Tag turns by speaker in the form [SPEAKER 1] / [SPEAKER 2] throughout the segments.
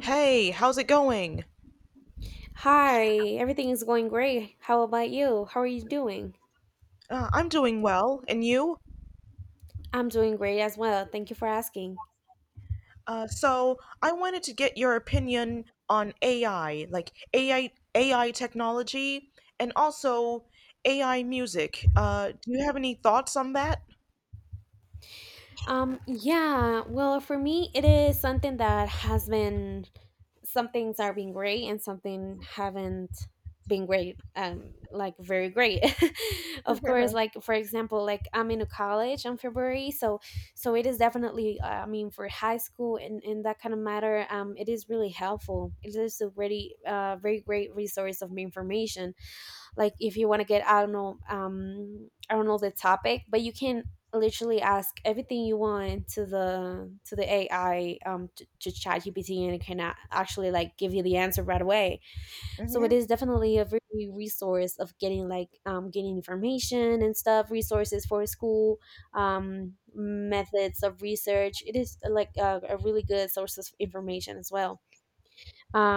[SPEAKER 1] Hey, how's it going?
[SPEAKER 2] Hi, everything is going great. How about you? How are you doing?
[SPEAKER 1] I'm doing well, and you?
[SPEAKER 2] I'm doing great as well. Thank you for asking.
[SPEAKER 1] So I wanted to get your opinion on AI, like AI technology, and also AI music. Do you have any thoughts on that?
[SPEAKER 2] Yeah, well, for me, it is something that has been some things are being great and something haven't been great, like very great. Of course, like for example, like I'm in a college in February, so so it is definitely, I mean, for high school and in that kind of matter, it is really helpful. It is a really very great resource of information. Like if you want to get I don't know I don't know the topic, but you can literally ask everything you want to the AI, to chat, and it can actually like give you the answer right away. So it
[SPEAKER 1] Hmm.
[SPEAKER 2] is definitely a very resource of getting like getting information and stuff, resources for school, methods of research. It is like a really good source of information as well.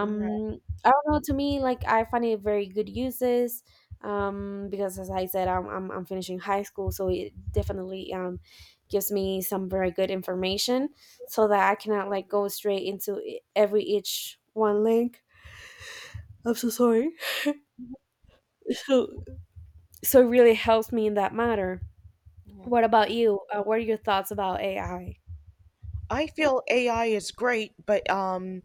[SPEAKER 1] Yeah.
[SPEAKER 2] I don't know, to me like I find it very good uses, because as I said I'm finishing high school, so it definitely gives me some very good information, so that I cannot like go straight into every each one link. Sorry. So so it really helps me in that matter. What about you? What are your thoughts about AI?
[SPEAKER 1] I feel AI is great, but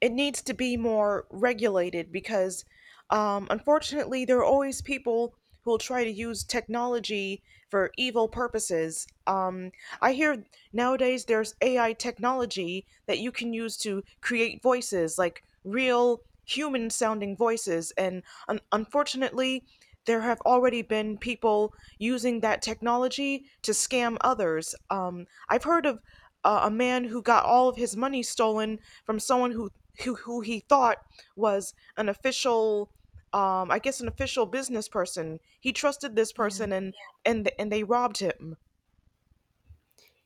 [SPEAKER 1] it needs to be more regulated because unfortunately, there are always people who will try to use technology for evil purposes. I hear nowadays there's AI technology that you can use to create voices, like real human sounding voices, and unfortunately, there have already been people using that technology to scam others. I've heard of a man who got all of his money stolen from someone who he thought was an official I guess an official business person. He trusted this
[SPEAKER 2] Yeah.
[SPEAKER 1] person and they robbed him.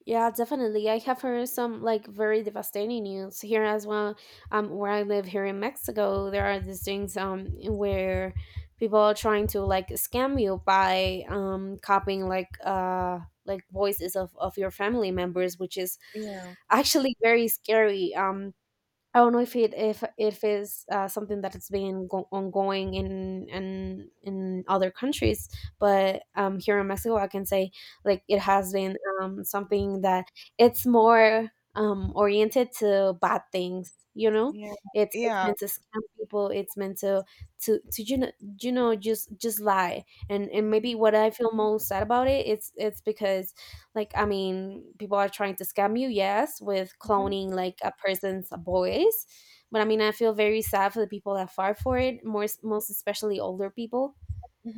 [SPEAKER 2] Yeah, definitely. I have heard some like very devastating news here as well. Where I live here in Mexico, there are these things where people are trying to like scam you by copying like voices of your family members, which is
[SPEAKER 1] Yeah.
[SPEAKER 2] actually very scary. I don't know if it if is something that it has been ongoing in other countries, but here in Mexico, I can say like it has been something that it's more oriented to bad things. You know,
[SPEAKER 1] Yeah.
[SPEAKER 2] it's
[SPEAKER 1] Yeah.
[SPEAKER 2] meant to scam people. It's meant to just lie and maybe
[SPEAKER 1] Mhm.
[SPEAKER 2] what I feel most sad about it it's because like I mean people are trying to scam you, yes, with
[SPEAKER 1] Mhm.
[SPEAKER 2] cloning like a person's voice, but I mean I feel very sad for the people that fall for it, more most especially older people,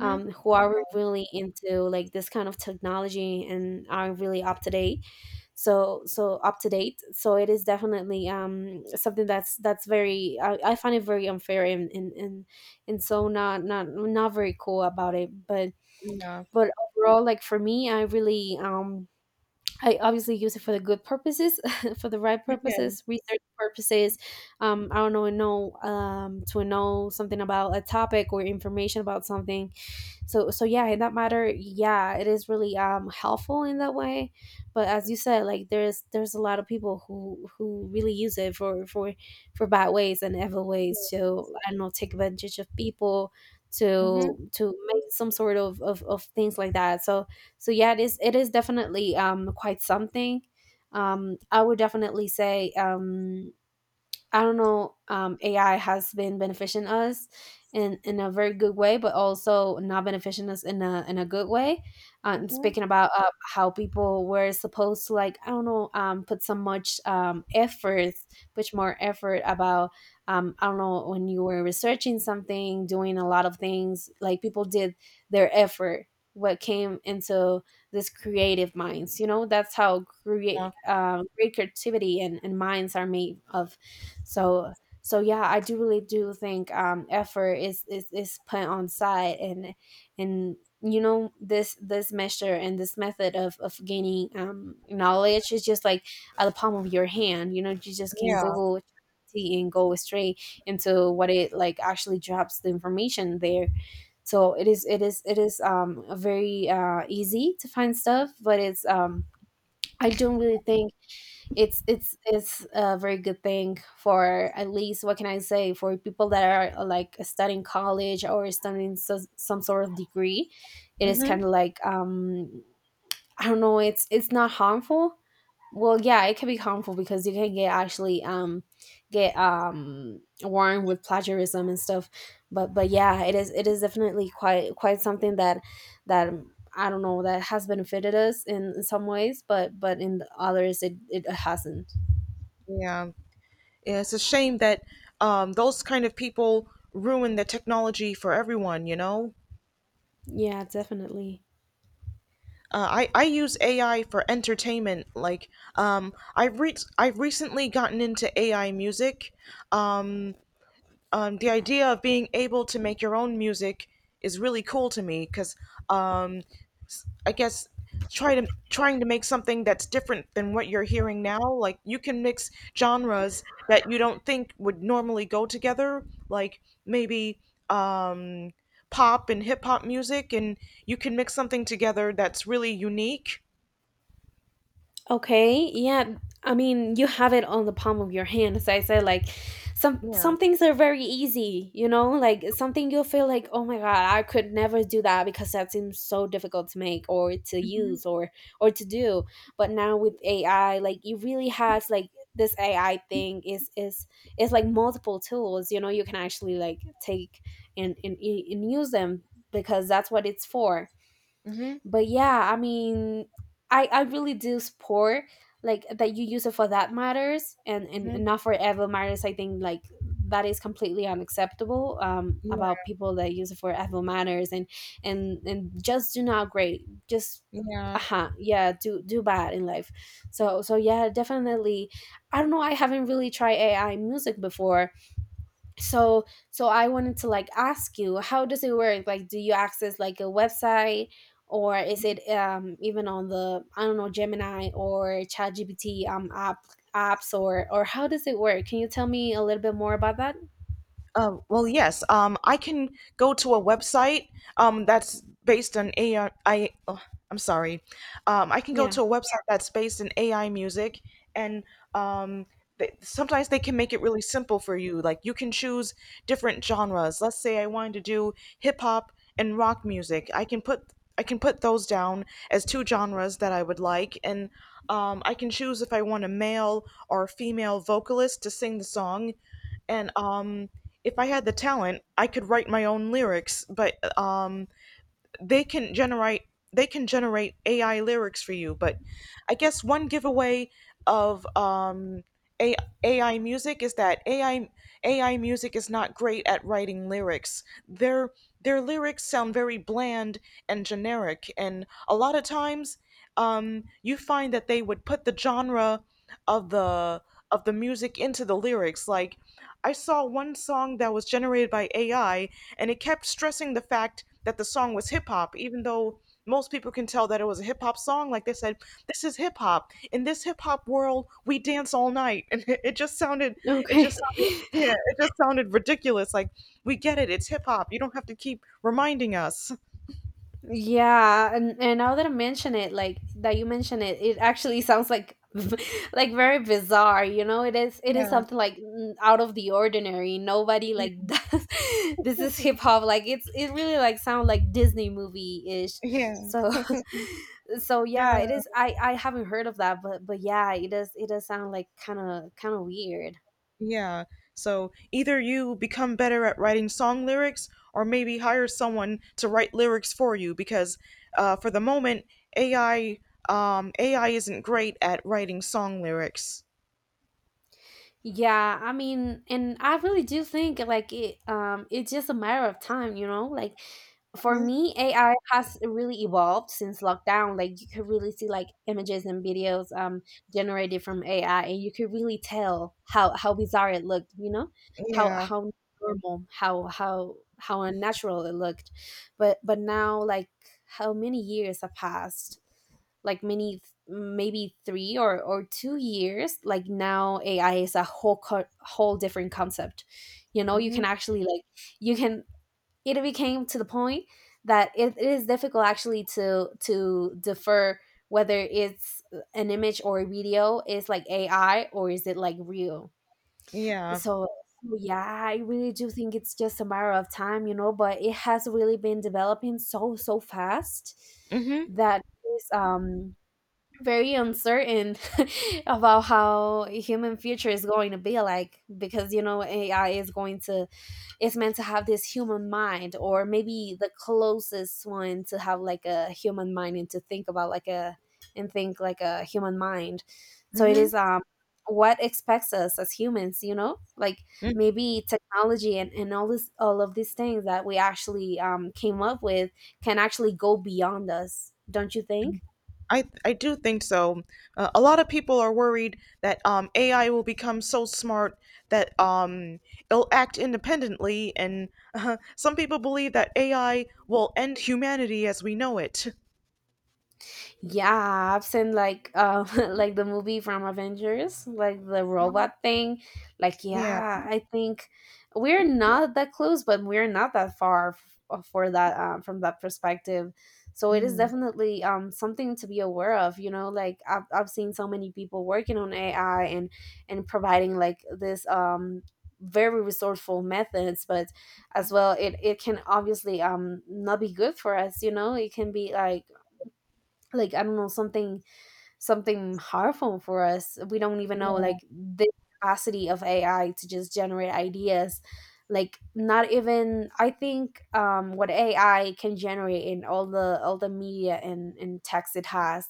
[SPEAKER 2] who are really into like this kind of technology and are really up to date, so so up to date. So it is definitely something that's very I find it very unfair, and so not not not very cool about it,
[SPEAKER 1] Yeah.
[SPEAKER 2] but overall, like for me, I really I obviously use it for the good purposes, for the right
[SPEAKER 1] Okay.
[SPEAKER 2] purposes, research purposes. I don't know to know something about a topic or information about something. So so yeah, in that matter, yeah, it is really helpful in that way, but as you said, like there's a lot of people who really use it for bad ways and evil ways to I don't know take advantage of people,
[SPEAKER 1] Mhm.
[SPEAKER 2] to make some sort of things like that. So so yeah, it is definitely quite something. I would definitely say I don't know, AI has been benefiting us in a very good way, but also not benefiting us in a good way. And
[SPEAKER 1] Mhm.
[SPEAKER 2] speaking about how people were supposed to, like I don't know, put so much effort, much more effort about I don't know, when you were researching something, doing a lot of things like people did their effort. What came into this creative minds, you know, that's how
[SPEAKER 1] Yeah.
[SPEAKER 2] create great creativity and minds are made of. So so yeah, I do really do think effort is is put on side, and you know this this measure and this method of gaining knowledge is just like at the palm of your hand. You know, you just can
[SPEAKER 1] Yeah.
[SPEAKER 2] google ChatGPT and go straight into what it like actually drops the information there. So it is it is it is very easy to find stuff, but it's I don't really think it's a very good thing for at least what can I say for people that are like studying college or studying so, some sort of degree. It is kind
[SPEAKER 1] Mhm.
[SPEAKER 2] of like I don't know, it's not harmful. Well, yeah, it can be harmful because you can get actually get warned with plagiarism and stuff. But yeah, it is definitely quite quite something that that I don't know, that has benefited us in some ways, but in others it, it hasn't.
[SPEAKER 1] Yeah. Yeah, it's a shame that those kind of people ruin the technology for everyone. You know.
[SPEAKER 2] Yeah, definitely.
[SPEAKER 1] I use AI for entertainment. Like, I've recently gotten into AI music. Um, the idea of being able to make your own music is really cool to me because um, I guess trying to make something that's different than what you're hearing now. Like, you can mix genres that you don't think would normally go together. Like maybe um, pop and hip hop music, and you can mix something together that's really unique.
[SPEAKER 2] Okay, yeah. I mean, you have it on the palm of your hand. As I said, like
[SPEAKER 1] Yeah.
[SPEAKER 2] some things are very easy, you know? Like something you'll feel like, "Oh my god, I could never do that because that seems so difficult to make or to
[SPEAKER 1] Mm. Mhm.
[SPEAKER 2] use or to do." But now with AI, like it really has like this AI thing is like multiple tools, you know, you can actually like take and use them because that's what it's for.
[SPEAKER 1] Mhm.
[SPEAKER 2] But yeah, I mean, I really do support like that you use it for that matters
[SPEAKER 1] Mhm.
[SPEAKER 2] and not for evil matters. I think like that is completely unacceptable
[SPEAKER 1] Yeah.
[SPEAKER 2] about people that use it for evil matters, and just do not great, just
[SPEAKER 1] Yeah.
[SPEAKER 2] uh-huh, yeah, do do bad in life. So so yeah, definitely. I don't know, I haven't really tried AI music before. So so I wanted to like ask you, how does it work? Like do you access like a website, or is it even on the I don't know Gemini or ChatGPT apps or how does it work? Can you tell me a little bit more about that?
[SPEAKER 1] Well, yes. I can go to a website that's based on AI. I'm sorry. I can go
[SPEAKER 2] Yeah.
[SPEAKER 1] to a website that's based in AI music, and um, sometimes they can make it really simple for you. Like you can choose different genres. Let's say I wanted to do hip hop and rock music. I can put those down as two genres that I would like, and I can choose if I want a male or a female vocalist to sing the song, and if I had the talent, I could write my own lyrics, but they can generate they can generate AI lyrics for you. But I guess one giveaway of A- AI music is that AI music is not great at writing lyrics. Their lyrics sound very bland and generic, and a lot of times you find that they would put the genre of the of the music into the lyrics. Like I saw one song that was generated by AI and it kept stressing the fact that the song was hip hop, even though most people can tell that it was a hip hop song. Like they said, this is hip hop. In this hip hop world, we dance all night. And it just
[SPEAKER 2] Okay.
[SPEAKER 1] sounded, yeah, it just sounded ridiculous. Like, we get it. It's hip hop. You don't have to keep reminding us.
[SPEAKER 2] Yeah, and now that I mention it, like that you mention it, it actually sounds like like very bizarre, you know? It is
[SPEAKER 1] Yeah.
[SPEAKER 2] something like out of the ordinary. Nobody like does this is hip hop, like it's it really like sound like Disney movie-ish.
[SPEAKER 1] Yeah.
[SPEAKER 2] So so
[SPEAKER 1] Yeah.
[SPEAKER 2] yeah, it is I haven't heard of that, but yeah, it does sound like kind of weird.
[SPEAKER 1] Yeah. So either you become better at writing song lyrics or maybe hire someone to write lyrics for you because for the moment AI um, AI isn't great at writing song lyrics.
[SPEAKER 2] Yeah, I mean, and I really do think like it it's just a matter of time, you know? Like for
[SPEAKER 1] Hmm.
[SPEAKER 2] me, AI has really evolved since lockdown. Like you could really see like images and videos generated from AI, and you could really tell how bizarre it looked, you know?
[SPEAKER 1] Yeah.
[SPEAKER 2] How normal, how unnatural it looked. But now like how many years have passed? Like many, maybe three or 2 years. Like now AI is a whole whole different concept. You know, you
[SPEAKER 1] Hmm.
[SPEAKER 2] can actually like you can, it became to the point that it is difficult actually to defer whether it's an image or a video is like AI or is it like real.
[SPEAKER 1] Yeah.
[SPEAKER 2] So yeah, I really do think it's just a matter of time, you know, but it has really been developing so so fast,
[SPEAKER 1] Hmm.
[SPEAKER 2] that is very uncertain about how human future is going to be like because you know AI is going to it's meant to have this human mind, or maybe the closest one to have like a human mind, and to think about like a and think like a human mind. So it
[SPEAKER 1] Hmm.
[SPEAKER 2] is what expects us as humans, you know? Like maybe technology and all this all of these things that we actually came up with can actually go beyond us, don't you think?
[SPEAKER 1] I do think so. A lot of people are worried that AI will become so smart that it'll act independently, and some people believe that AI will end humanity as we know it.
[SPEAKER 2] Yeah, I've seen like like the movie from Avengers, like the robot thing. Like,
[SPEAKER 1] Yeah.
[SPEAKER 2] yeah, I think we're not that close, but we're not that far for that from that perspective. So it is
[SPEAKER 1] Mm.
[SPEAKER 2] definitely something to be aware of. You know, like I've seen so many people working on AI and providing like this very resourceful methods, but as well it can obviously not be good for us. You know, it can be like I don't know something something harmful for us. We don't even know
[SPEAKER 1] Yeah.
[SPEAKER 2] like the capacity of AI to just generate ideas. Like, not even I think what AI can generate in all the media and text it has,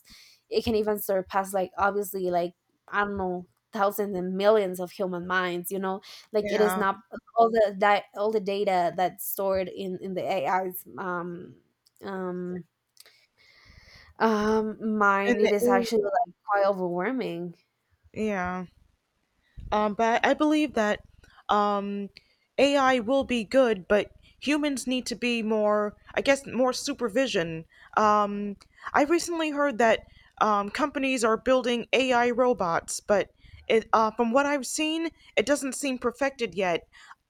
[SPEAKER 2] it can even surpass like obviously like I don't know thousands and millions of human minds. You know, like it is
[SPEAKER 1] Yeah.
[SPEAKER 2] not all the that all the data that's stored in the AI's um
[SPEAKER 1] And
[SPEAKER 2] mine, it is
[SPEAKER 1] the,
[SPEAKER 2] actually like quite overwhelming.
[SPEAKER 1] yeah. But I believe that um, AI will be good, but humans need to be more, I guess, more supervision. Um, I recently heard that companies are building AI robots, but from what I've seen, it doesn't seem perfected yet.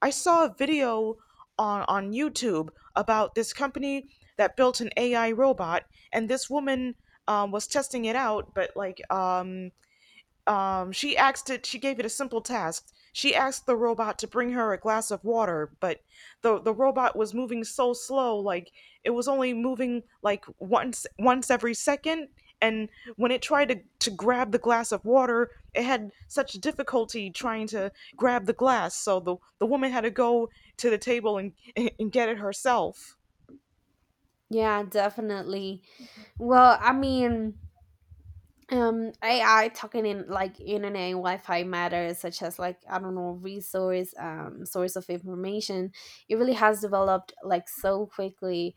[SPEAKER 1] I saw a video on YouTube about this company that built an AI robot, and this woman was testing it out, but she asked it. She gave it a simple task. She asked the robot to bring her a glass of water, but the robot was moving so slow, like it was only moving like once every second. And when it tried to grab the glass of water, it had such difficulty trying to grab the glass. So the woman had to go to the table and get it herself.
[SPEAKER 2] Yeah, definitely. Well, I mean, AI talking in like internet and Wi-Fi matters, such as like I don't know resource, source of information. It really has developed like so quickly.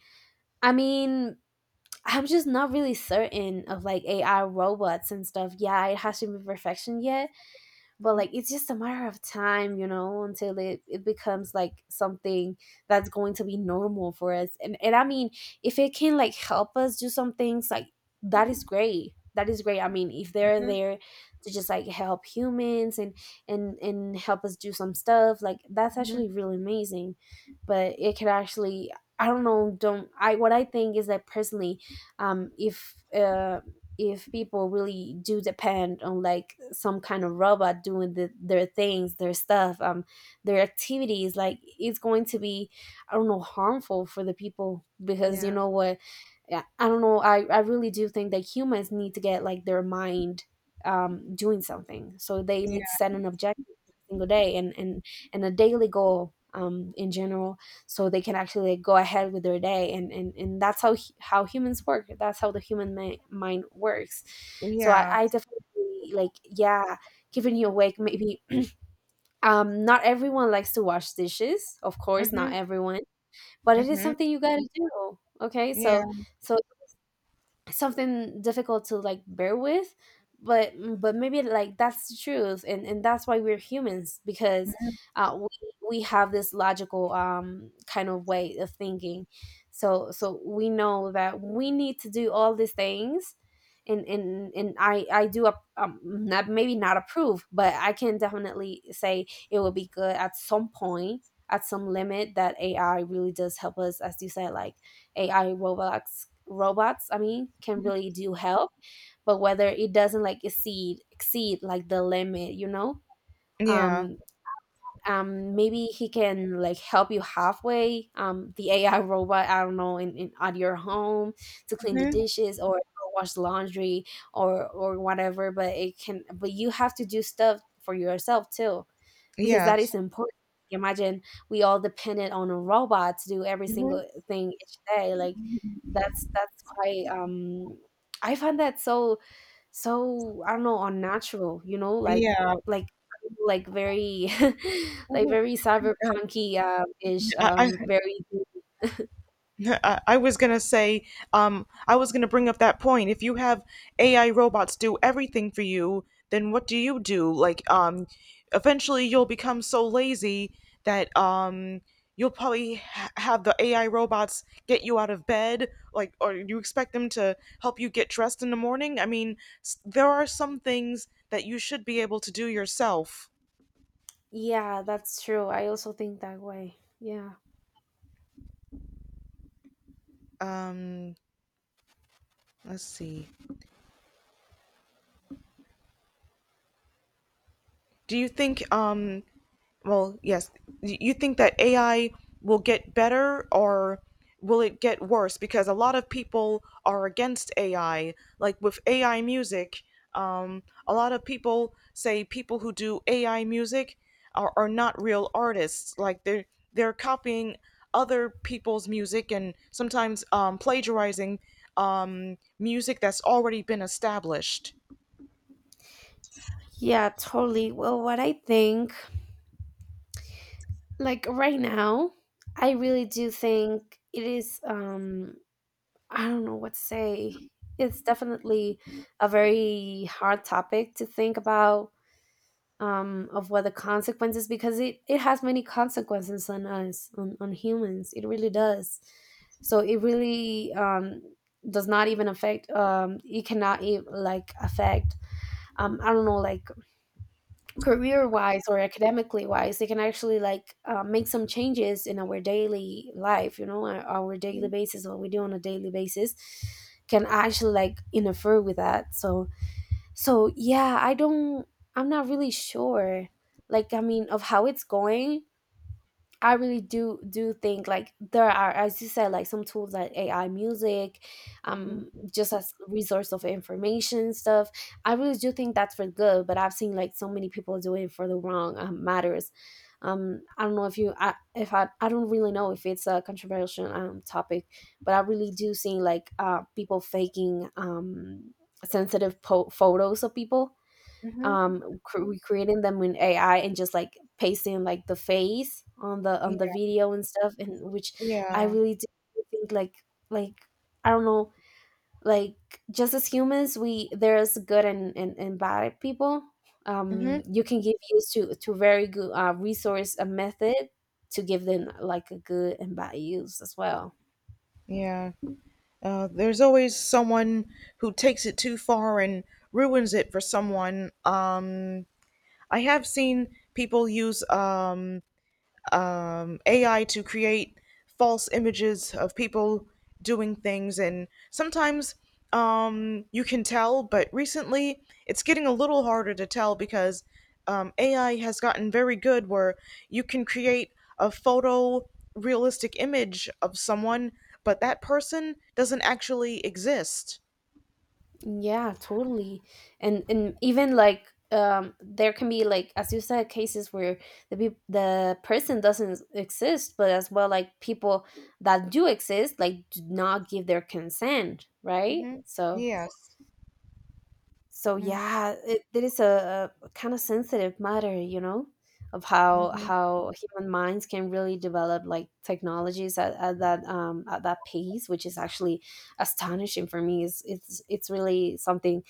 [SPEAKER 2] I mean, I'm just not really certain of like AI robots and stuff. Yeah, it hasn't been perfection yet, but
[SPEAKER 1] Hmm.
[SPEAKER 2] like it's just a matter of time you know until it becomes like something that's going to be normal for us. And and i mean if it can like help us do some things like that is great. That is great. I mean, if they're
[SPEAKER 1] Hmm.
[SPEAKER 2] there to just like help humans and help us do some stuff like that's
[SPEAKER 1] Hmm.
[SPEAKER 2] actually really amazing, but it could actually I don't know. Don't I What I think is that personally, um if uh if people really do depend on like some kind of robot doing their things, their stuff, their activities, like it's going to be I don't know harmful for the people because you
[SPEAKER 1] Yeah.
[SPEAKER 2] know what, yeah, I don't know. I really do think that humans need to get like their mind doing something, so they
[SPEAKER 1] Yeah.
[SPEAKER 2] need to set an objective every single day and a daily goal in general, so they can actually like go ahead with their day and that's how humans work. That's how the human mind works.
[SPEAKER 1] Yeah.
[SPEAKER 2] I definitely like, yeah, keeping you awake maybe. Not everyone likes to wash dishes, of course, not
[SPEAKER 1] Hmm.
[SPEAKER 2] everyone, but it is
[SPEAKER 1] Hmm.
[SPEAKER 2] something you gotta do, okay? So
[SPEAKER 1] Yeah.
[SPEAKER 2] so something difficult to like bear with, but maybe like that's the truth, and that's why we're humans, because we have this logical kind of way of thinking. So so we know that we need to do all these things, and I do not maybe not approve, but I can definitely say it would be good at some point, at some limit, that AI really does help us, as you said, like AI robots. I mean, can really do help, but whether it doesn't like exceed. Like the limit, you know?
[SPEAKER 1] Yeah.
[SPEAKER 2] Um Maybe he can like help you halfway. Um, the AI robot, I don't know, in at your home to clean the
[SPEAKER 1] Hmm.
[SPEAKER 2] dishes or wash laundry, or whatever, but it can. But you have to do stuff for yourself too, because that
[SPEAKER 1] Yes.
[SPEAKER 2] is important. Imagine we all dependent on a robot to do every
[SPEAKER 1] Mhm.
[SPEAKER 2] single thing each day. Like that's quite um, I find that so. I don't know, unnatural, you know,
[SPEAKER 1] Yeah.
[SPEAKER 2] like like very like
[SPEAKER 1] Mhm.
[SPEAKER 2] very
[SPEAKER 1] Uh,
[SPEAKER 2] cyberpunky, um, ish,
[SPEAKER 1] I, I
[SPEAKER 2] um, very.
[SPEAKER 1] I was gonna say, I was gonna bring up that point. If you have AI robots do everything for you, then what do you do? Like, eventually you'll become so lazy that have the AI robots get you out of bed, like, or you expect them to help you get dressed in the morning. I mean, there are some things that you should be able to do yourself.
[SPEAKER 2] Yeah, that's true. I also think that way. Yeah.
[SPEAKER 1] Um, let's see. Do you think, well, yes, you think that AI will get better or will it get worse? Because a lot of people are against AI. Like with AI music, a lot of people say people who do AI music are not real artists. Like they're copying other people's music and sometimes plagiarizing music that's already been established.
[SPEAKER 2] Yeah, totally. Well, what I think, like right now, I really do think it is um, I don't know what to say. It's definitely a very hard topic to think about, of what the consequences, because it has many consequences on us, on humans. It really does. So it really does not even affect. It cannot even like affect. I don't know, like career wise or academically wise, they can actually like make some changes in our daily life, you know, our daily basis, what we do on a daily basis can actually like interfere with that. So so yeah, I don't. I'm not really sure like, I mean, of how it's going. I really do think like there are, as you said, like some tools like AI music, just as resource of information and stuff. I really do think that's for good, but I've seen like so many people do it for the wrong matters. I don't know if I don't really know if it's a controversial um, topic, but I really do see like people faking um, sensitive photos of people,
[SPEAKER 1] Hmm.
[SPEAKER 2] um, recreating them in AI, and just like pasting like the face on the
[SPEAKER 1] Yeah.
[SPEAKER 2] video and stuff, and which I
[SPEAKER 1] Yeah.
[SPEAKER 2] really do think like I don't know, like just as humans, we, there's good and and bad people,
[SPEAKER 1] Hmm.
[SPEAKER 2] um. You can give use to very good resource a method, to give them like a good and bad use as well.
[SPEAKER 1] Yeah. There's always someone who takes it too far and ruins it for someone. I have seen people use AI to create false images of people doing things, and sometimes you can tell, but recently it's getting a little harder to tell because AI has gotten very good where you can create a photo realistic image of someone, but that person doesn't actually exist.
[SPEAKER 2] Yeah, totally. And even like um, there can be like, as you said, cases where the the person doesn't exist, but as well like people that do exist like do not give their consent, right?
[SPEAKER 1] Hmm.
[SPEAKER 2] So
[SPEAKER 1] Yes.
[SPEAKER 2] so
[SPEAKER 1] Hmm.
[SPEAKER 2] yeah, it is a kind of sensitive matter, you know, of
[SPEAKER 1] Hmm.
[SPEAKER 2] how human minds can really develop like technologies at that um, at that pace, which is actually astonishing for me. It's really something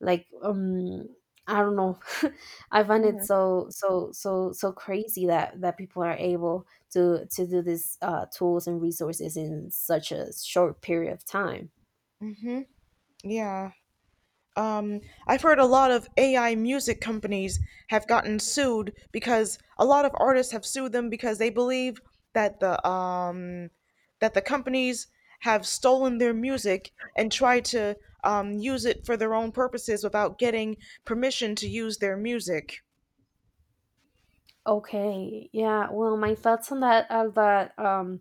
[SPEAKER 2] like um, I don't know. I find it
[SPEAKER 1] Hmm.
[SPEAKER 2] so crazy that people are able to do these tools and resources in such a short period of time.
[SPEAKER 1] Hmm. Yeah. Um, I've heard a lot of AI music companies have gotten sued because a lot of artists have sued them because they believe that the um, that the companies have stolen their music and tried to use it for their own purposes without getting permission to use their music.
[SPEAKER 2] Okay, yeah. Well, my thoughts on that are that um,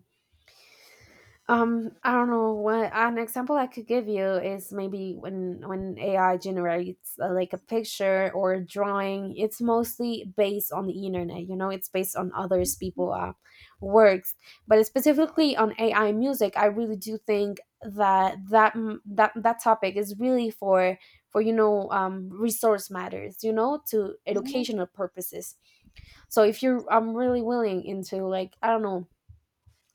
[SPEAKER 2] um, I don't know what an example I could give you is maybe when AI generates like a picture or a drawing, it's mostly based on the internet. You know, it's based on others people works, but specifically on AI music, I really do think that that that topic is really for you know resource matters. You know, to educational purposes. So if you're, I'm really willing into like I don't know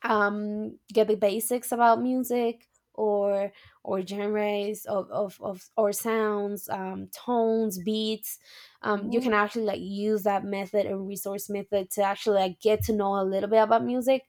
[SPEAKER 2] get the basics about music or genres of or sounds tones, beats um. You can
[SPEAKER 1] Mm-hmm.
[SPEAKER 2] actually like use that method and resource method to actually like get to know a little bit about music.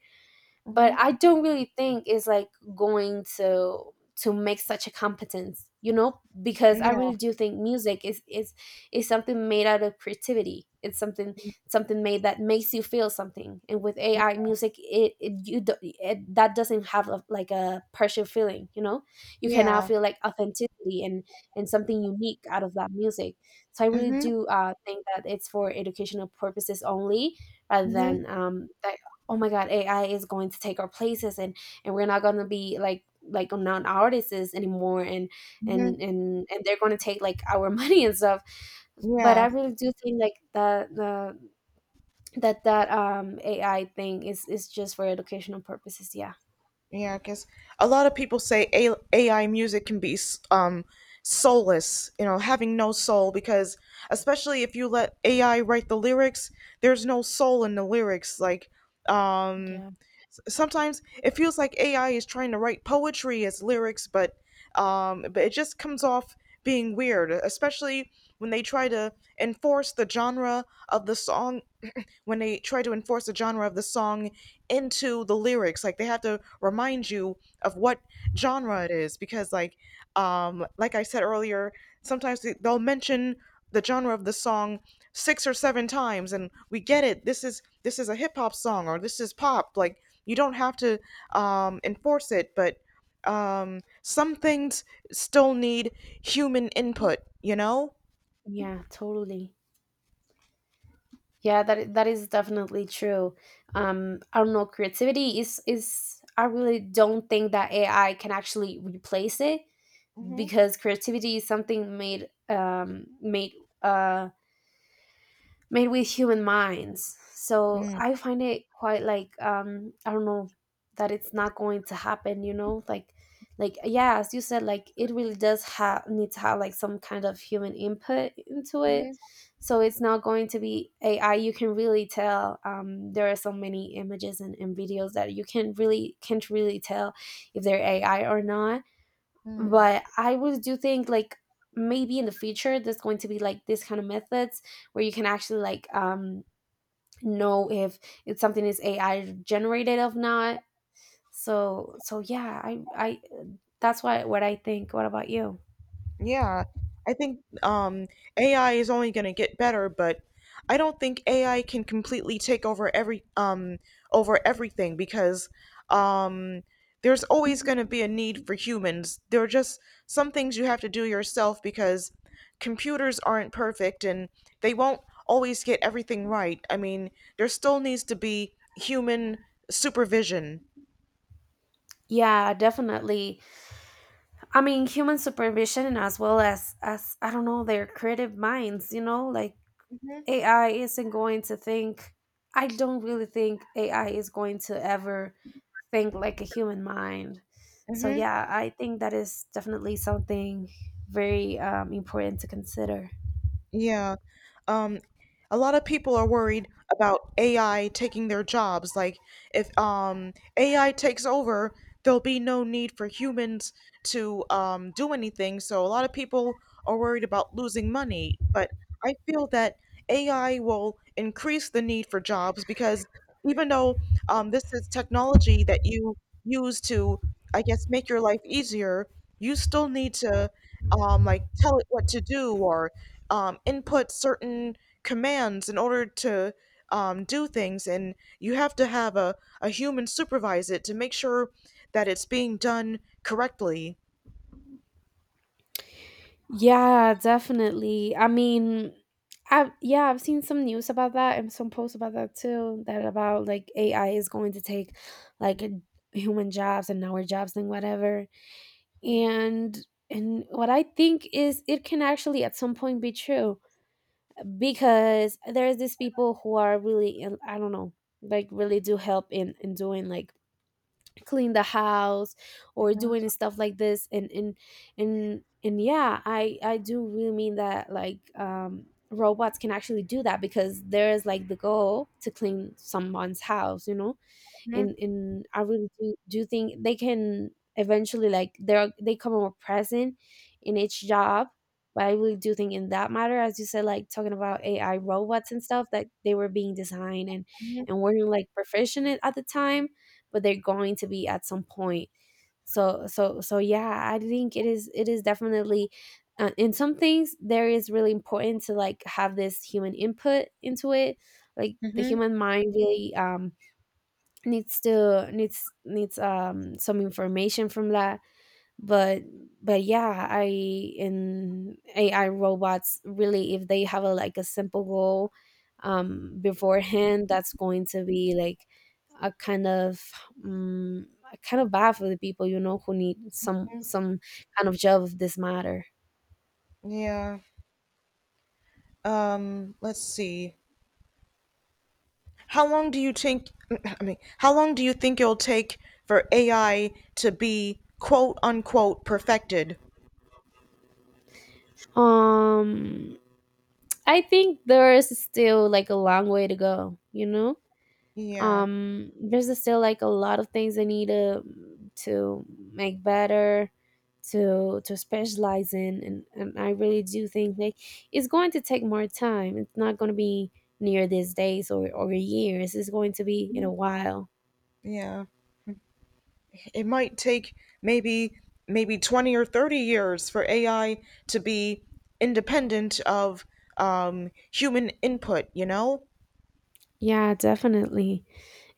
[SPEAKER 2] But
[SPEAKER 1] Mm-hmm.
[SPEAKER 2] I don't really think it's like going to make such a competence, you know, because I
[SPEAKER 1] Yeah,
[SPEAKER 2] really do think music is is something made out of creativity. It's something made that makes you feel something, and with AI music, it you do, that doesn't have a, like a partial feeling, you know. You can now
[SPEAKER 1] yeah,
[SPEAKER 2] feel like authenticity and something unique out of that music. So I really
[SPEAKER 1] mm-hmm,
[SPEAKER 2] do think that it's for educational purposes only, rather
[SPEAKER 1] mm-hmm,
[SPEAKER 2] than the oh my god, AI is going to take our places, and we're not going to be like non-artists anymore, and
[SPEAKER 1] mm-hmm,
[SPEAKER 2] they're going to take like our money and stuff. But I
[SPEAKER 1] yeah.
[SPEAKER 2] really do think like that the that um, AI thing is just for educational purposes. Yeah.
[SPEAKER 1] Yeah, I guess a lot of people say AI music can be um soulless, you know, having no soul because especially if you let AI write the lyrics, there's no soul in the lyrics. Like um sometimes it feels like AI is trying to write poetry as lyrics, but it just comes off being weird, especially when they try to enforce the genre of the song when they try to enforce the genre of the song into the lyrics. Like they have to remind you of what genre it is because like I said earlier, sometimes they'll mention the genre of the song six or seven times, and we get it, this is a hip hop song or this is pop. Like you don't have to enforce it. But some things still need human input, you know.
[SPEAKER 2] Yeah, totally. Yeah, that that is definitely true. Um, I don't know, creativity is, I really don't think that AI can actually replace it,
[SPEAKER 1] Hmm.
[SPEAKER 2] because creativity is something made made uh, made with human minds. So I find it quite like I don't know, that it's not going to happen. You know, like yeah, as you said, like it really does have need to have like some kind of human input into it. So it's not going to be AI. You can really tell. There are so many images and videos that you can really can't really tell if they're AI or not. But I would do think like maybe in the future there's going to be like this kind of methods where you can actually like um, know if something is AI generated or not. So so yeah, I that's why, what I think. What about you?
[SPEAKER 1] Yeah, I think AI is only going to get better, but I don't think AI can completely take over every over everything because um, there's always going to be a need for humans. There are just some things you have to do yourself because computers aren't perfect and they won't always get everything right. I mean, there still needs to be human supervision.
[SPEAKER 2] Yeah, definitely. I mean, human supervision as well as I don't know their creative minds, you know, like AI isn't going to think. I don't really think AI is going to ever think like a human mind. So
[SPEAKER 1] Mm-hmm.
[SPEAKER 2] yeah, I think that is definitely something very important to consider.
[SPEAKER 1] Yeah. um, a lot of people are worried about AI taking their jobs. Like if AI takes over, there'll be no need for humans to do anything. So a lot of people are worried about losing money. But I feel that AI will increase the need for jobs because even though this is technology that you use to, I guess, make your life easier, you still need to like tell it what to do or input certain commands in order to do things, and you have to have a human supervise it to make sure that it's being done correctly.
[SPEAKER 2] Yeah, definitely. I mean, I yeah, I've seen some news about that and some posts about that too. That about like AI is going to take like human jobs and our jobs and whatever. And what I think is it can actually at some point be true because there's these people who are really in- I don't know like really do help in doing like clean the house or
[SPEAKER 1] Mm-hmm.
[SPEAKER 2] doing stuff like this and yeah I do really mean that, like robots can actually do that because there is like the goal to clean someone's house, you know. In I really do think they can eventually, like they come more present in each job. But I really do think in that matter, as you said, like talking about AI robots and stuff, that they were being designed and
[SPEAKER 1] Mm-hmm.
[SPEAKER 2] weren't like proficient at the time, but they're going to be at some point. So yeah, I think it is, it is definitely, in some things there is really important to like have this human input into it. Like the
[SPEAKER 1] Mm-hmm.
[SPEAKER 2] human mind really needs to needs needs some information from that. But yeah, I, in AI robots, really, if they have a like a simple goal beforehand, that's going to be like a kind of, um, kind of bad for the people, you know, who need some kind of job of this matter.
[SPEAKER 1] Yeah. Let's see. How long do you think, I mean, how long do you think it'll take for AI to be quote unquote perfected?
[SPEAKER 2] um I think there's still like a long way to go, you know.
[SPEAKER 1] Yeah.
[SPEAKER 2] There's still like a lot of things I need to to make better, to specialize in, and I really do think like it's going to take more time. It's not going to be near these days or years. It's going to be in a while.
[SPEAKER 1] Yeah. It might take maybe maybe 20 or 30 years for AI to be independent of human input, you know?
[SPEAKER 2] Yeah, definitely.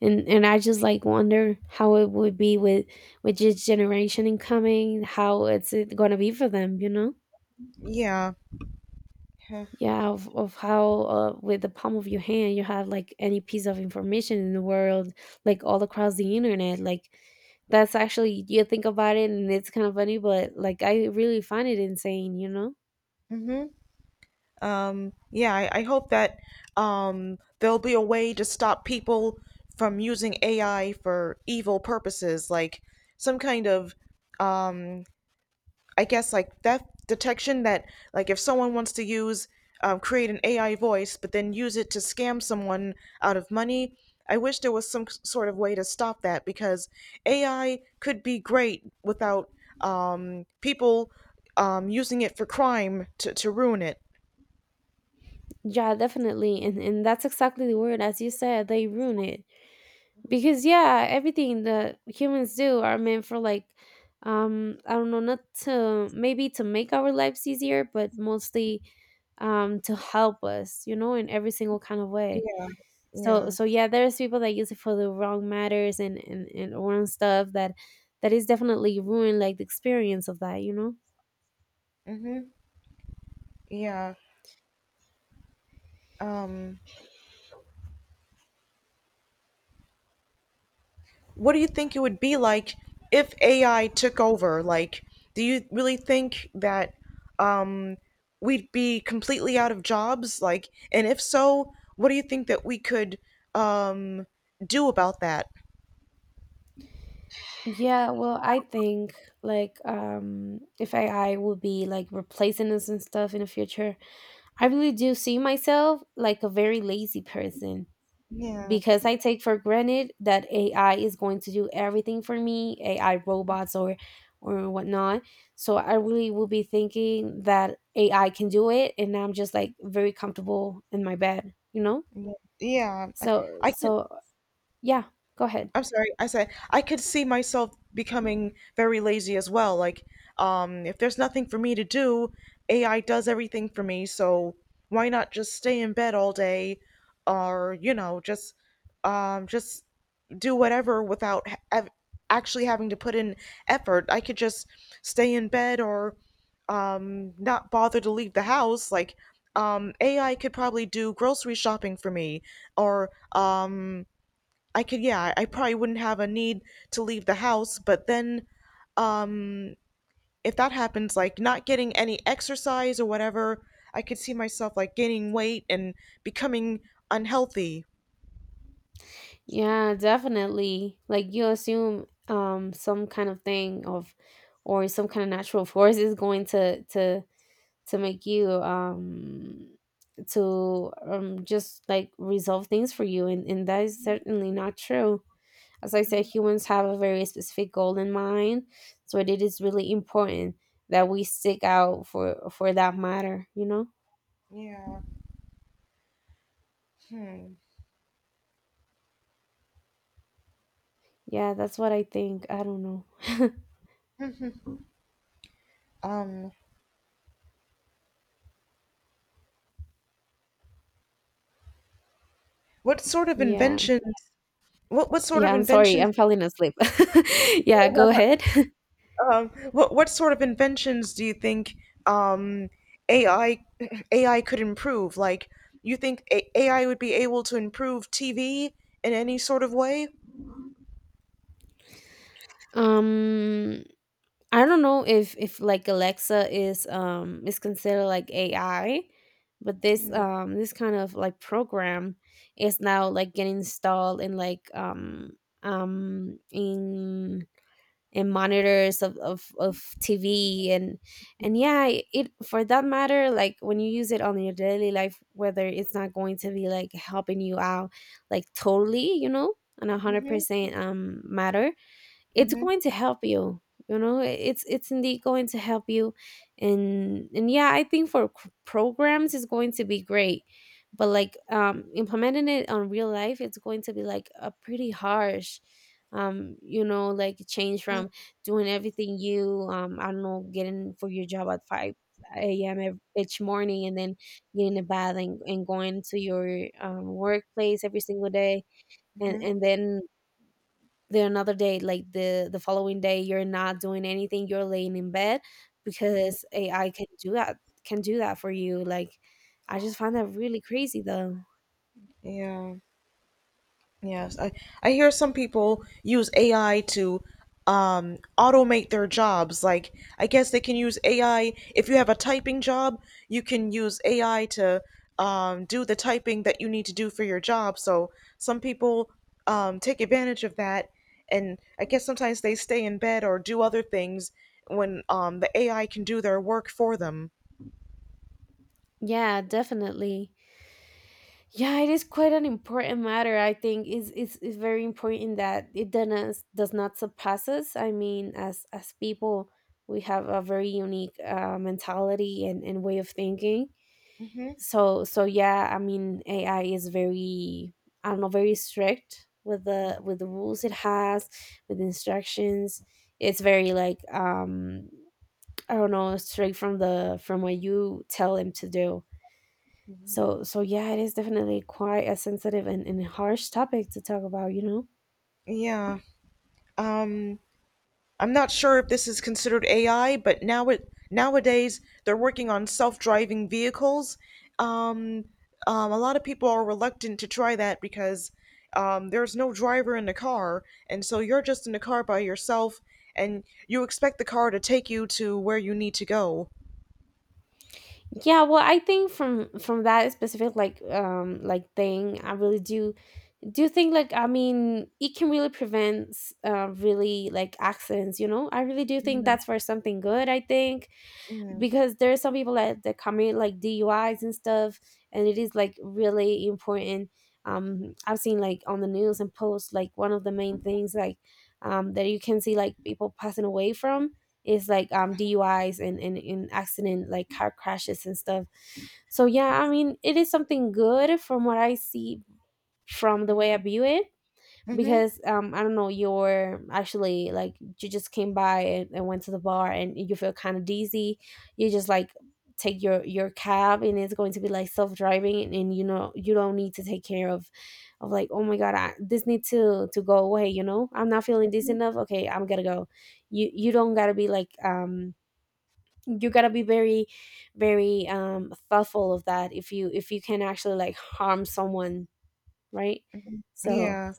[SPEAKER 2] And I just like wonder how it would be with this generation incoming, how it's going to be for them, you know.
[SPEAKER 1] Yeah.
[SPEAKER 2] Yeah, of how, with the palm of your hand you have like any piece of information in the world, like all across the internet, like, that's actually, you think about it and it's kind of funny, but like I really find it insane, you know.
[SPEAKER 1] Mm-hmm. Yeah, I hope that there'll be a way to stop people from using AI for evil purposes, like some kind of um. I guess like theft detection that like if someone wants to use create an AI voice but then use it to scam someone out of money. I wish there was some sort of way to stop that because AI could be great without people using it for crime to ruin it.
[SPEAKER 2] Yeah, definitely. And that's exactly the word, as you said, they ruin it because yeah, everything that humans do are meant for, like, I don't know, not to maybe to make our lives easier, but mostly to help us, you know, in every single kind of way.
[SPEAKER 1] Yeah,
[SPEAKER 2] so
[SPEAKER 1] yeah,
[SPEAKER 2] so yeah, there's people that use it for the wrong matters and and wrong stuff that is definitely ruined like the experience of that, you know.
[SPEAKER 1] mm-hmm, yeah. Um, what do you think it would be like if AI took over? Like, do you really think that um, we'd be completely out of jobs? Like, and if so, what do you think that we could um, do about that?
[SPEAKER 2] Yeah, well, I think like if AI will be like replacing us and stuff in the future, I really do see myself like a very lazy person
[SPEAKER 1] Yeah,
[SPEAKER 2] because I take for granted that AI is going to do everything for me. AI robots or whatnot. So I really will be thinking that AI can do it, and I'm just like very comfortable in my bed, you know.
[SPEAKER 1] yeah, yeah. I,
[SPEAKER 2] So
[SPEAKER 1] I can
[SPEAKER 2] so yeah, go ahead.
[SPEAKER 1] I'm sorry. I said I could see myself becoming very lazy as well. Like, if there's nothing for me to do, AI does everything for me. So why not just stay in bed all day, or you know, just do whatever without actually having to put in effort. I could just stay in bed or not bother to leave the house. Like, AI could probably do grocery shopping for me, or I could, yeah, I probably wouldn't have a need to leave the house, but then um if that happens, like not getting any exercise or whatever, I could see myself like gaining weight and becoming unhealthy.
[SPEAKER 2] Yeah, definitely. Like, you assume some kind of thing of or some kind of natural force is going to make you to just like resolve things for you, and that is certainly not true. As I said,
[SPEAKER 1] hmm
[SPEAKER 2] humans have a very specific goal in mind, so it is really important that we stick out for that matter, you know.
[SPEAKER 1] Yeah. Hmm.
[SPEAKER 2] Yeah, that's what I think, I don't know.
[SPEAKER 1] Um what sort of
[SPEAKER 2] Yeah.
[SPEAKER 1] inventions what sort
[SPEAKER 2] Yeah,
[SPEAKER 1] of
[SPEAKER 2] I'm sorry,
[SPEAKER 1] inventions
[SPEAKER 2] I'm falling asleep. Yeah, go ahead.
[SPEAKER 1] what sort of inventions do you think um, AI AI could improve? Like, you think AI would be able to improve TV in any sort of way?
[SPEAKER 2] um I don't know if like Alexa is considered like AI, but this this kind of like program is now like getting installed in like in monitors of TV. And yeah, it, for that matter, like when you use it on your daily life, whether it's not going to be like helping you out like totally, you know, on a hundred
[SPEAKER 1] Mm-hmm,
[SPEAKER 2] percent matter, it's
[SPEAKER 1] mm-hmm,
[SPEAKER 2] going to help you, you know. It's indeed going to help you. And yeah, I think for c- programs it's going to be great, but like implementing it on real life it's going to be like a pretty harsh you know, like change from doing everything, you I don't know, getting for your job at 5 a.m ev- each morning and then getting a bath, and going to your workplace every single day. And
[SPEAKER 1] mm-hmm,
[SPEAKER 2] then the another day, like the following day, you're not doing anything, you're laying in bed
[SPEAKER 1] Yeah.
[SPEAKER 2] because AI can do that, can do that for you, like I just find that really crazy though.
[SPEAKER 1] yeah. Yes, I hear some people use AI to automate their jobs. Like, I guess they can use AI. If you have a typing job, you can use AI to do the typing that you need to do for your job. So, some people take advantage of that. And I guess sometimes they stay in bed or do other things when the AI can do their work for them.
[SPEAKER 2] Yeah, definitely. Yeah, it is quite an important matter. I think it's very important that it does not surpass us. I mean, as people, we have a very unique, mentality, and way of thinking.
[SPEAKER 1] hmm
[SPEAKER 2] So yeah, I mean, AI is very, I don't know, very strict with the rules it has, with the instructions. It's very like I don't know, straight from the from what you tell him to do. So yeah, it is definitely quite a sensitive and harsh topic to talk about, you know.
[SPEAKER 1] Yeah. Um, I'm not sure if this is considered AI, but nowadays they're working on self-driving vehicles. Um, a lot of people are reluctant to try that because there's no driver in the car, and so you're just in the car by yourself, and you expect the car to take you to where you need to go.
[SPEAKER 2] Yeah, well, I think from that specific, like thing, I really do you think, like, I mean, it can really prevent, really like accidents, you know. I really do think
[SPEAKER 1] Mm-hmm.
[SPEAKER 2] that's for something good, I think, because there are some people that commit like DUIs and stuff, and it is like really important. I've seen like on the news and posts like one of the main things, like that you can see like people passing away from is like DUIs and accident, like car crashes and stuff. So yeah, I mean, it is something good from what I see, from the way I view it
[SPEAKER 1] Mm-hmm.
[SPEAKER 2] because I don't know, you're actually like, you just came by and went to the bar and you feel kind of dizzy, you just like take your cab and it's going to be like self-driving, and you know, you don't need to take care of like, oh my god, I, this needs to go away, you know, I'm not feeling this enough, okay, I'm gonna go. You don't gotta be like you gotta be very thoughtful of that, if you, if you can actually like harm someone, right.
[SPEAKER 1] Mm-hmm.
[SPEAKER 2] So
[SPEAKER 1] Yeah.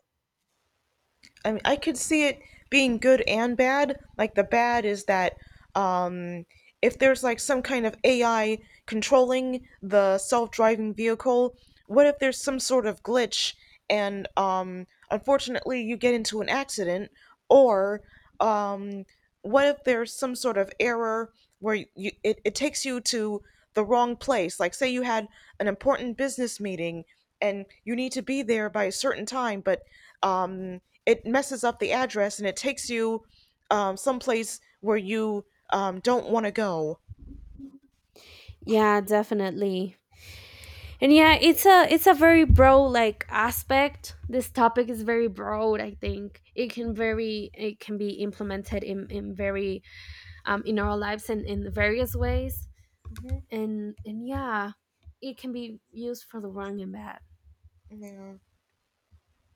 [SPEAKER 1] I mean, I could see it being good and bad. Like the bad is that um, if there's like some kind of AI controlling the self-driving vehicle, what if there's some sort of glitch and unfortunately you get into an accident or um, what if there's some sort of error where it takes you to the wrong place, like say you had an important business meeting and you need to be there by a certain time, but um, it messes up the address and it takes you someplace where you don't want to go.
[SPEAKER 2] yeah, definitely. And yeah, it's a, it's a very broad like aspect, this topic is very broad. I think it can very, it can be implemented in very in our lives and in various ways.
[SPEAKER 1] hmm
[SPEAKER 2] And yeah, it can be used for the wrong and bad.
[SPEAKER 1] yeah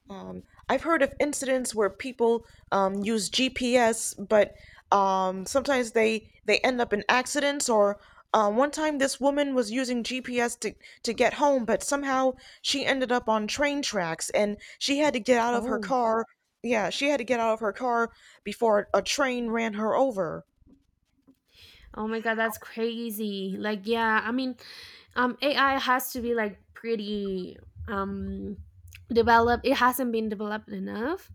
[SPEAKER 1] Um, I've heard of incidents where people use GPS, but sometimes they end up in accidents. Or one time, this woman was using GPS to get home, but somehow she ended up on train tracks, and she had to get out of her
[SPEAKER 2] Oh,
[SPEAKER 1] car. Yeah, she had to get out of her car before a train ran her over.
[SPEAKER 2] oh my god, that's crazy. Like, yeah, I mean, AI has to be like pretty, um developed. It hasn't been developed enough.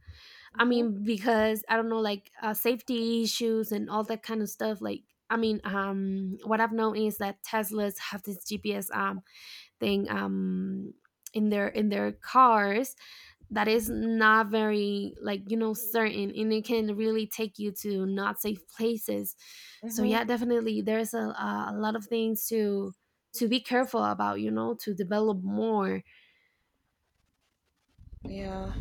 [SPEAKER 2] I
[SPEAKER 1] Mm-hmm.
[SPEAKER 2] mean, because I don't know, like, safety issues and all that kind of stuff. Like, I mean, what I've known is that Teslas have this GPS thing, in their cars that is not very like, you know, certain, and it can really take you to not safe places. So
[SPEAKER 1] hmm
[SPEAKER 2] yeah, definitely, there's a lot of things to be careful about, you know, to develop more.
[SPEAKER 1] Yeah.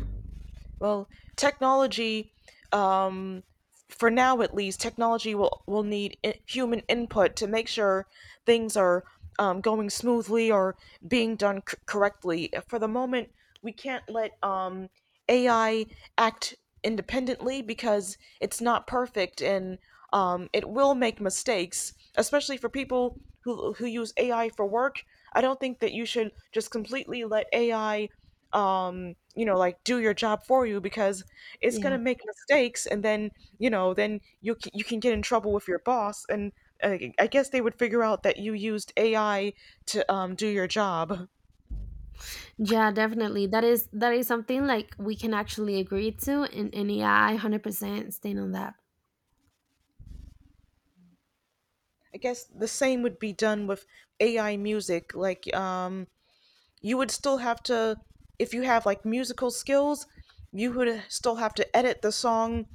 [SPEAKER 1] Well, technology, um, for now at least, technology will need human input to make sure things are going smoothly or being done correctly. For the moment, we can't let AI act independently because it's not perfect, and it will make mistakes, especially for people who use AI for work. I don't think that you should just completely let AI you know like do your job for you, because it's going to
[SPEAKER 2] Yeah.
[SPEAKER 1] make mistakes, and then you know then you can get in trouble with your boss. And I guess they would figure out that you used AI to do your job.
[SPEAKER 2] Yeah, definitely. That is, that is something like we can actually agree to, and yeah, I 100% stand on that.
[SPEAKER 1] I guess the same would be done with AI music. Like you would still have to, if you have like musical skills, you would still have to edit the song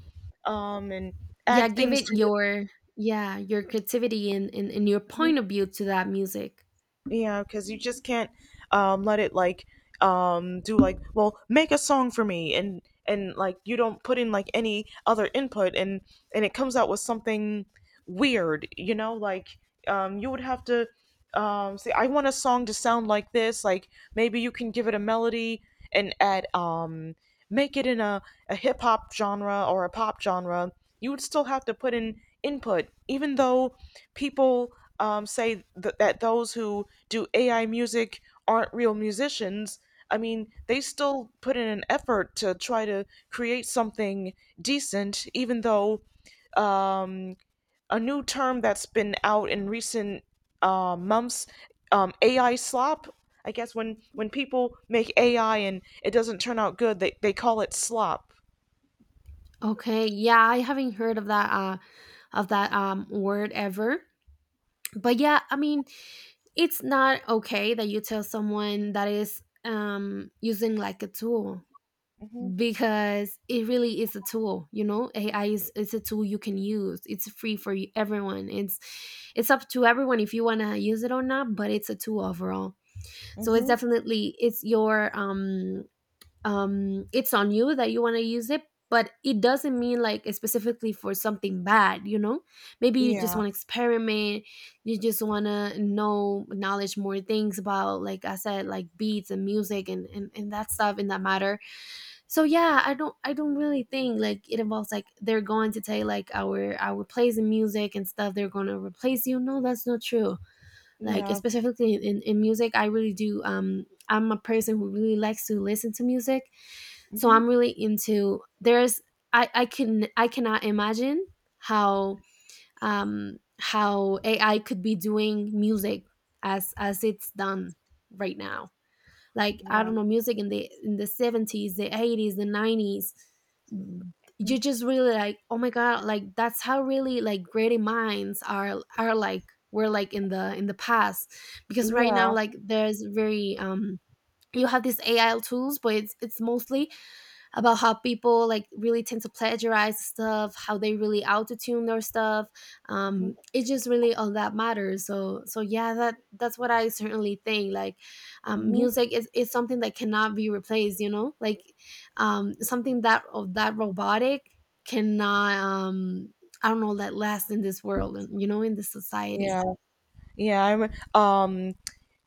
[SPEAKER 1] and
[SPEAKER 2] Yeah,
[SPEAKER 1] add
[SPEAKER 2] give
[SPEAKER 1] things
[SPEAKER 2] it
[SPEAKER 1] to it.
[SPEAKER 2] your, yeah, your creativity, and your point of view to that music.
[SPEAKER 1] Yeah, because you just can't let it like do like, well, make a song for me and like you don't put in like any other input and it comes out with something weird, you know. Like you would have to say I want a song to sound like this. Like maybe you can give it a melody and add make it in a hip hop genre or a pop genre. You would still have to put in input, even though people say that those who do AI music aren't real musicians. I mean, they still put in an effort to try to create something decent, even though um, a new term that's been out in recent months, AI slop. I guess when people make AI and it doesn't turn out good, they call it slop.
[SPEAKER 2] Okay. Yeah, I haven't heard of that, of that word ever. But yeah, I mean, it's not okay that you tell someone that is using like a tool, because it really is a tool, you know, AI is, it's a tool, you can use it's free for y- everyone, it's up to everyone if you want to use it or not, but it's a tool overall. So
[SPEAKER 1] Mm-hmm.
[SPEAKER 2] it's
[SPEAKER 1] Mm-hmm.
[SPEAKER 2] definitely, it's your it's on you that you want to use it, but it doesn't mean like specifically for something bad, you know. Maybe you
[SPEAKER 1] Yeah,
[SPEAKER 2] just want to experiment, you just want to know, knowledge more things about, like I said, like beats and music, and that stuff in that matter. So yeah, I don't, I don't really think like it involves like they're going to take like our plays and music and stuff, they're going to replace you, no, that's not true. Like
[SPEAKER 1] yeah.
[SPEAKER 2] specifically in music, I really do I'm a person who really likes to listen to music, so
[SPEAKER 1] Mhm.
[SPEAKER 2] I'm really into there's, I can, I cannot imagine how how AI could be doing music as it's done right now. Like, I
[SPEAKER 1] Yeah.
[SPEAKER 2] don't know, music in the 70s, the 80s, the 90s. You just really like, oh my god, like, that's how really like great minds are like were like in the past, because right
[SPEAKER 1] Yeah.
[SPEAKER 2] now like there's very you have these AI tools, but it's mostly about how people like really tend to plagiarize stuff, how they really auto tune their stuff.
[SPEAKER 1] Mhm.
[SPEAKER 2] It's just really all that matters. So yeah, that, that's what I certainly think. Like,
[SPEAKER 1] Mhm.
[SPEAKER 2] music is something that cannot be replaced, you know, like, something that of that robotic cannot. I don't know, that lasts in this world and, you know, in this society.
[SPEAKER 1] Yeah. Yeah.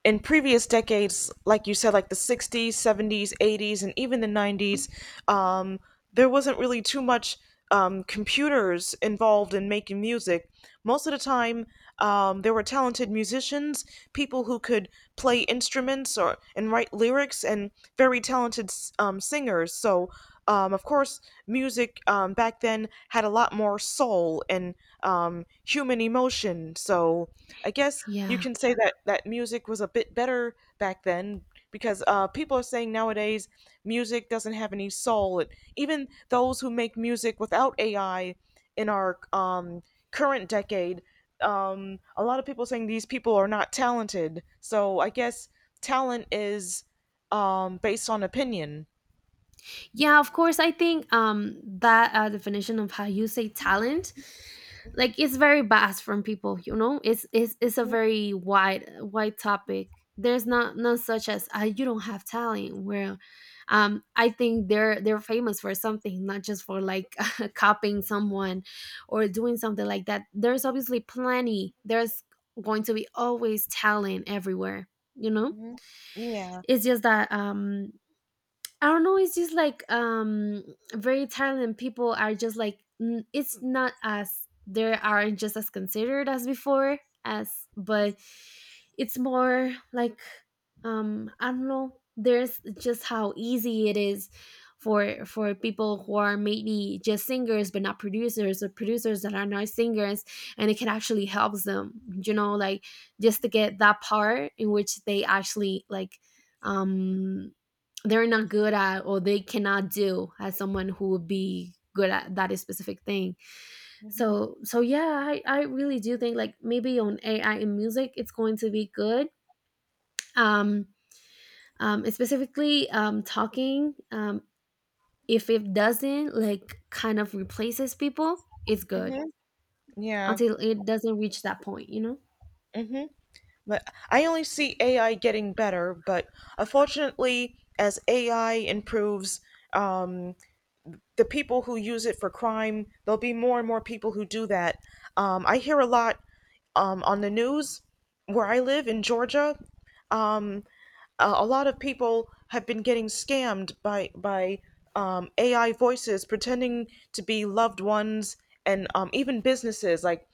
[SPEAKER 1] In previous decades, like you said, like the 60s, 70s, 80s, and even the 90s, um, there wasn't really too much computers involved in making music. Most of the time, there were talented musicians, people who could play instruments or and write lyrics, and very talented singers. So, of course, music back then had a lot more soul and human emotion. So, I guess you
[SPEAKER 2] Yeah.
[SPEAKER 1] can say that that music was a bit better back then because people are saying nowadays music doesn't have any soul. It, even those who make music without AI in our current decade, a lot of people are saying these people are not talented. So I guess talent is based on opinion.
[SPEAKER 2] Yeah, of course. I think, that, definition of how you say talent, like, it's very vast from people, you know, it's, it's a very wide topic. There's not none such as, you don't have talent where I think they're famous for something, not just for like copying someone or doing something like that. There's obviously plenty, there's going to be always talent everywhere, you know.
[SPEAKER 1] hmm Yeah.
[SPEAKER 2] It's just that, I don't know, it's just like very Thailand people are just like n- it's not as they are just as considered as before, as, but it's more like I don't know. There's just how easy it is for people who are maybe just singers but not producers, or producers that are not singers, and it can actually help them, you know, like, just to get that part in which they actually like, um they're not good at, or they cannot do as someone who would be good at that specific thing.
[SPEAKER 1] hmm
[SPEAKER 2] So yeah, I really do think like maybe on AI in music it's going to be good. um, Specifically talking, if it doesn't like kind of replaces people, it's good
[SPEAKER 1] hmm Yeah.
[SPEAKER 2] until it doesn't reach that point, you know.
[SPEAKER 1] hmm But I only see AI getting better, but unfortunately, as AI improves, um, the people who use it for crime, there'll be more and more people who do that. I hear a lot on the news where I live in Georgia. A lot of people have been getting scammed by AI voices pretending to be loved ones and even businesses like.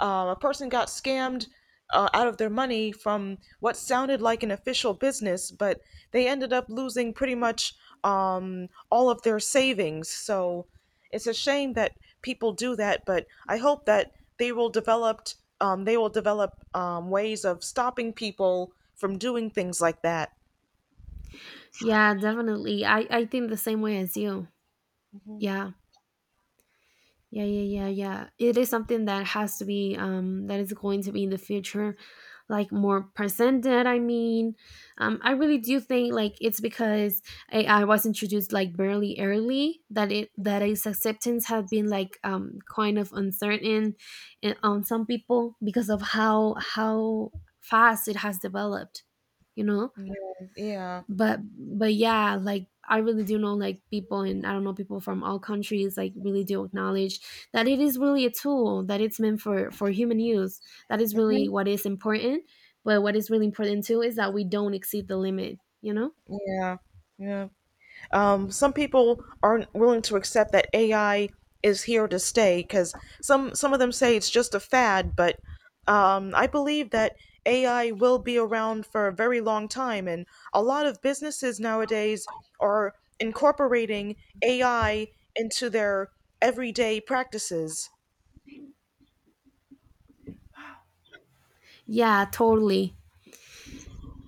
[SPEAKER 1] A person got scammed out of their money from what sounded like an official business, but they ended up losing pretty much all of their savings. So it's a shame that people do that, but I hope that they will develop ways of stopping people from doing things like that.
[SPEAKER 2] Yeah, definitely. I think the same way as you. Yeah. Yeah, It is something that has to be that is going to be in the future like more presented, I mean. I really do think like it's because AI was introduced like barely early that it, that its acceptance had been like kind of uncertain on some people because of how fast it has developed, you know.
[SPEAKER 1] Yeah, yeah,
[SPEAKER 2] But yeah, like I really do know like people, and I don't know, people from all countries like really do acknowledge that it is really a tool, that it's meant for human use. That is really
[SPEAKER 1] hmm
[SPEAKER 2] what is important. But what is really important too is that we don't exceed the limit, you know.
[SPEAKER 1] yeah, yeah. Some people aren't willing to accept that AI is here to stay, because some of them say it's just a fad, but I believe that AI will be around for a very long time, and a lot of businesses nowadays are incorporating AI into their everyday practices.
[SPEAKER 2] Yeah, totally.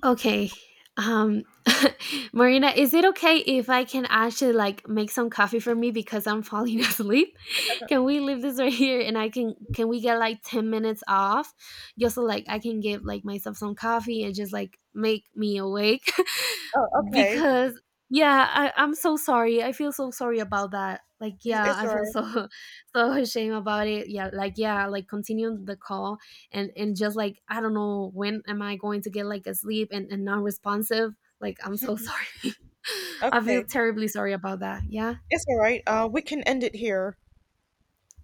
[SPEAKER 2] Okay. Um, Marina, is it okay if I can actually like make some coffee for me because I'm falling asleep? Can we leave this right here and I can we get like 10 minutes off, just so like I can give like myself some coffee and just like make me awake?
[SPEAKER 1] Oh, okay.
[SPEAKER 2] Because yeah, I, I'm so sorry, I feel so sorry about that, like, yeah,
[SPEAKER 1] It's
[SPEAKER 2] I
[SPEAKER 1] all
[SPEAKER 2] feel
[SPEAKER 1] right.
[SPEAKER 2] so so ashamed about it. Yeah, like, yeah, like continue the call, and just like, I don't know when am I going to get like asleep, and non-responsive, like I'm so sorry I feel
[SPEAKER 1] Okay.
[SPEAKER 2] terribly sorry about that, yeah.
[SPEAKER 1] It's all right. We can end it here.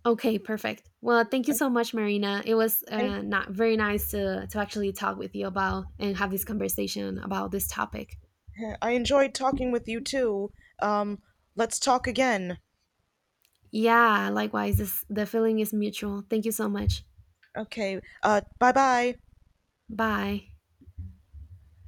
[SPEAKER 2] Okay, perfect. Well, thank you so much, Marina. It was, not very nice to actually talk with you about and have this conversation about this topic.
[SPEAKER 1] I enjoyed talking with you too. Um, let's talk again.
[SPEAKER 2] Yeah, likewise, this, the feeling is mutual. Thank you so much.
[SPEAKER 1] Okay. Bye bye.
[SPEAKER 2] Bye.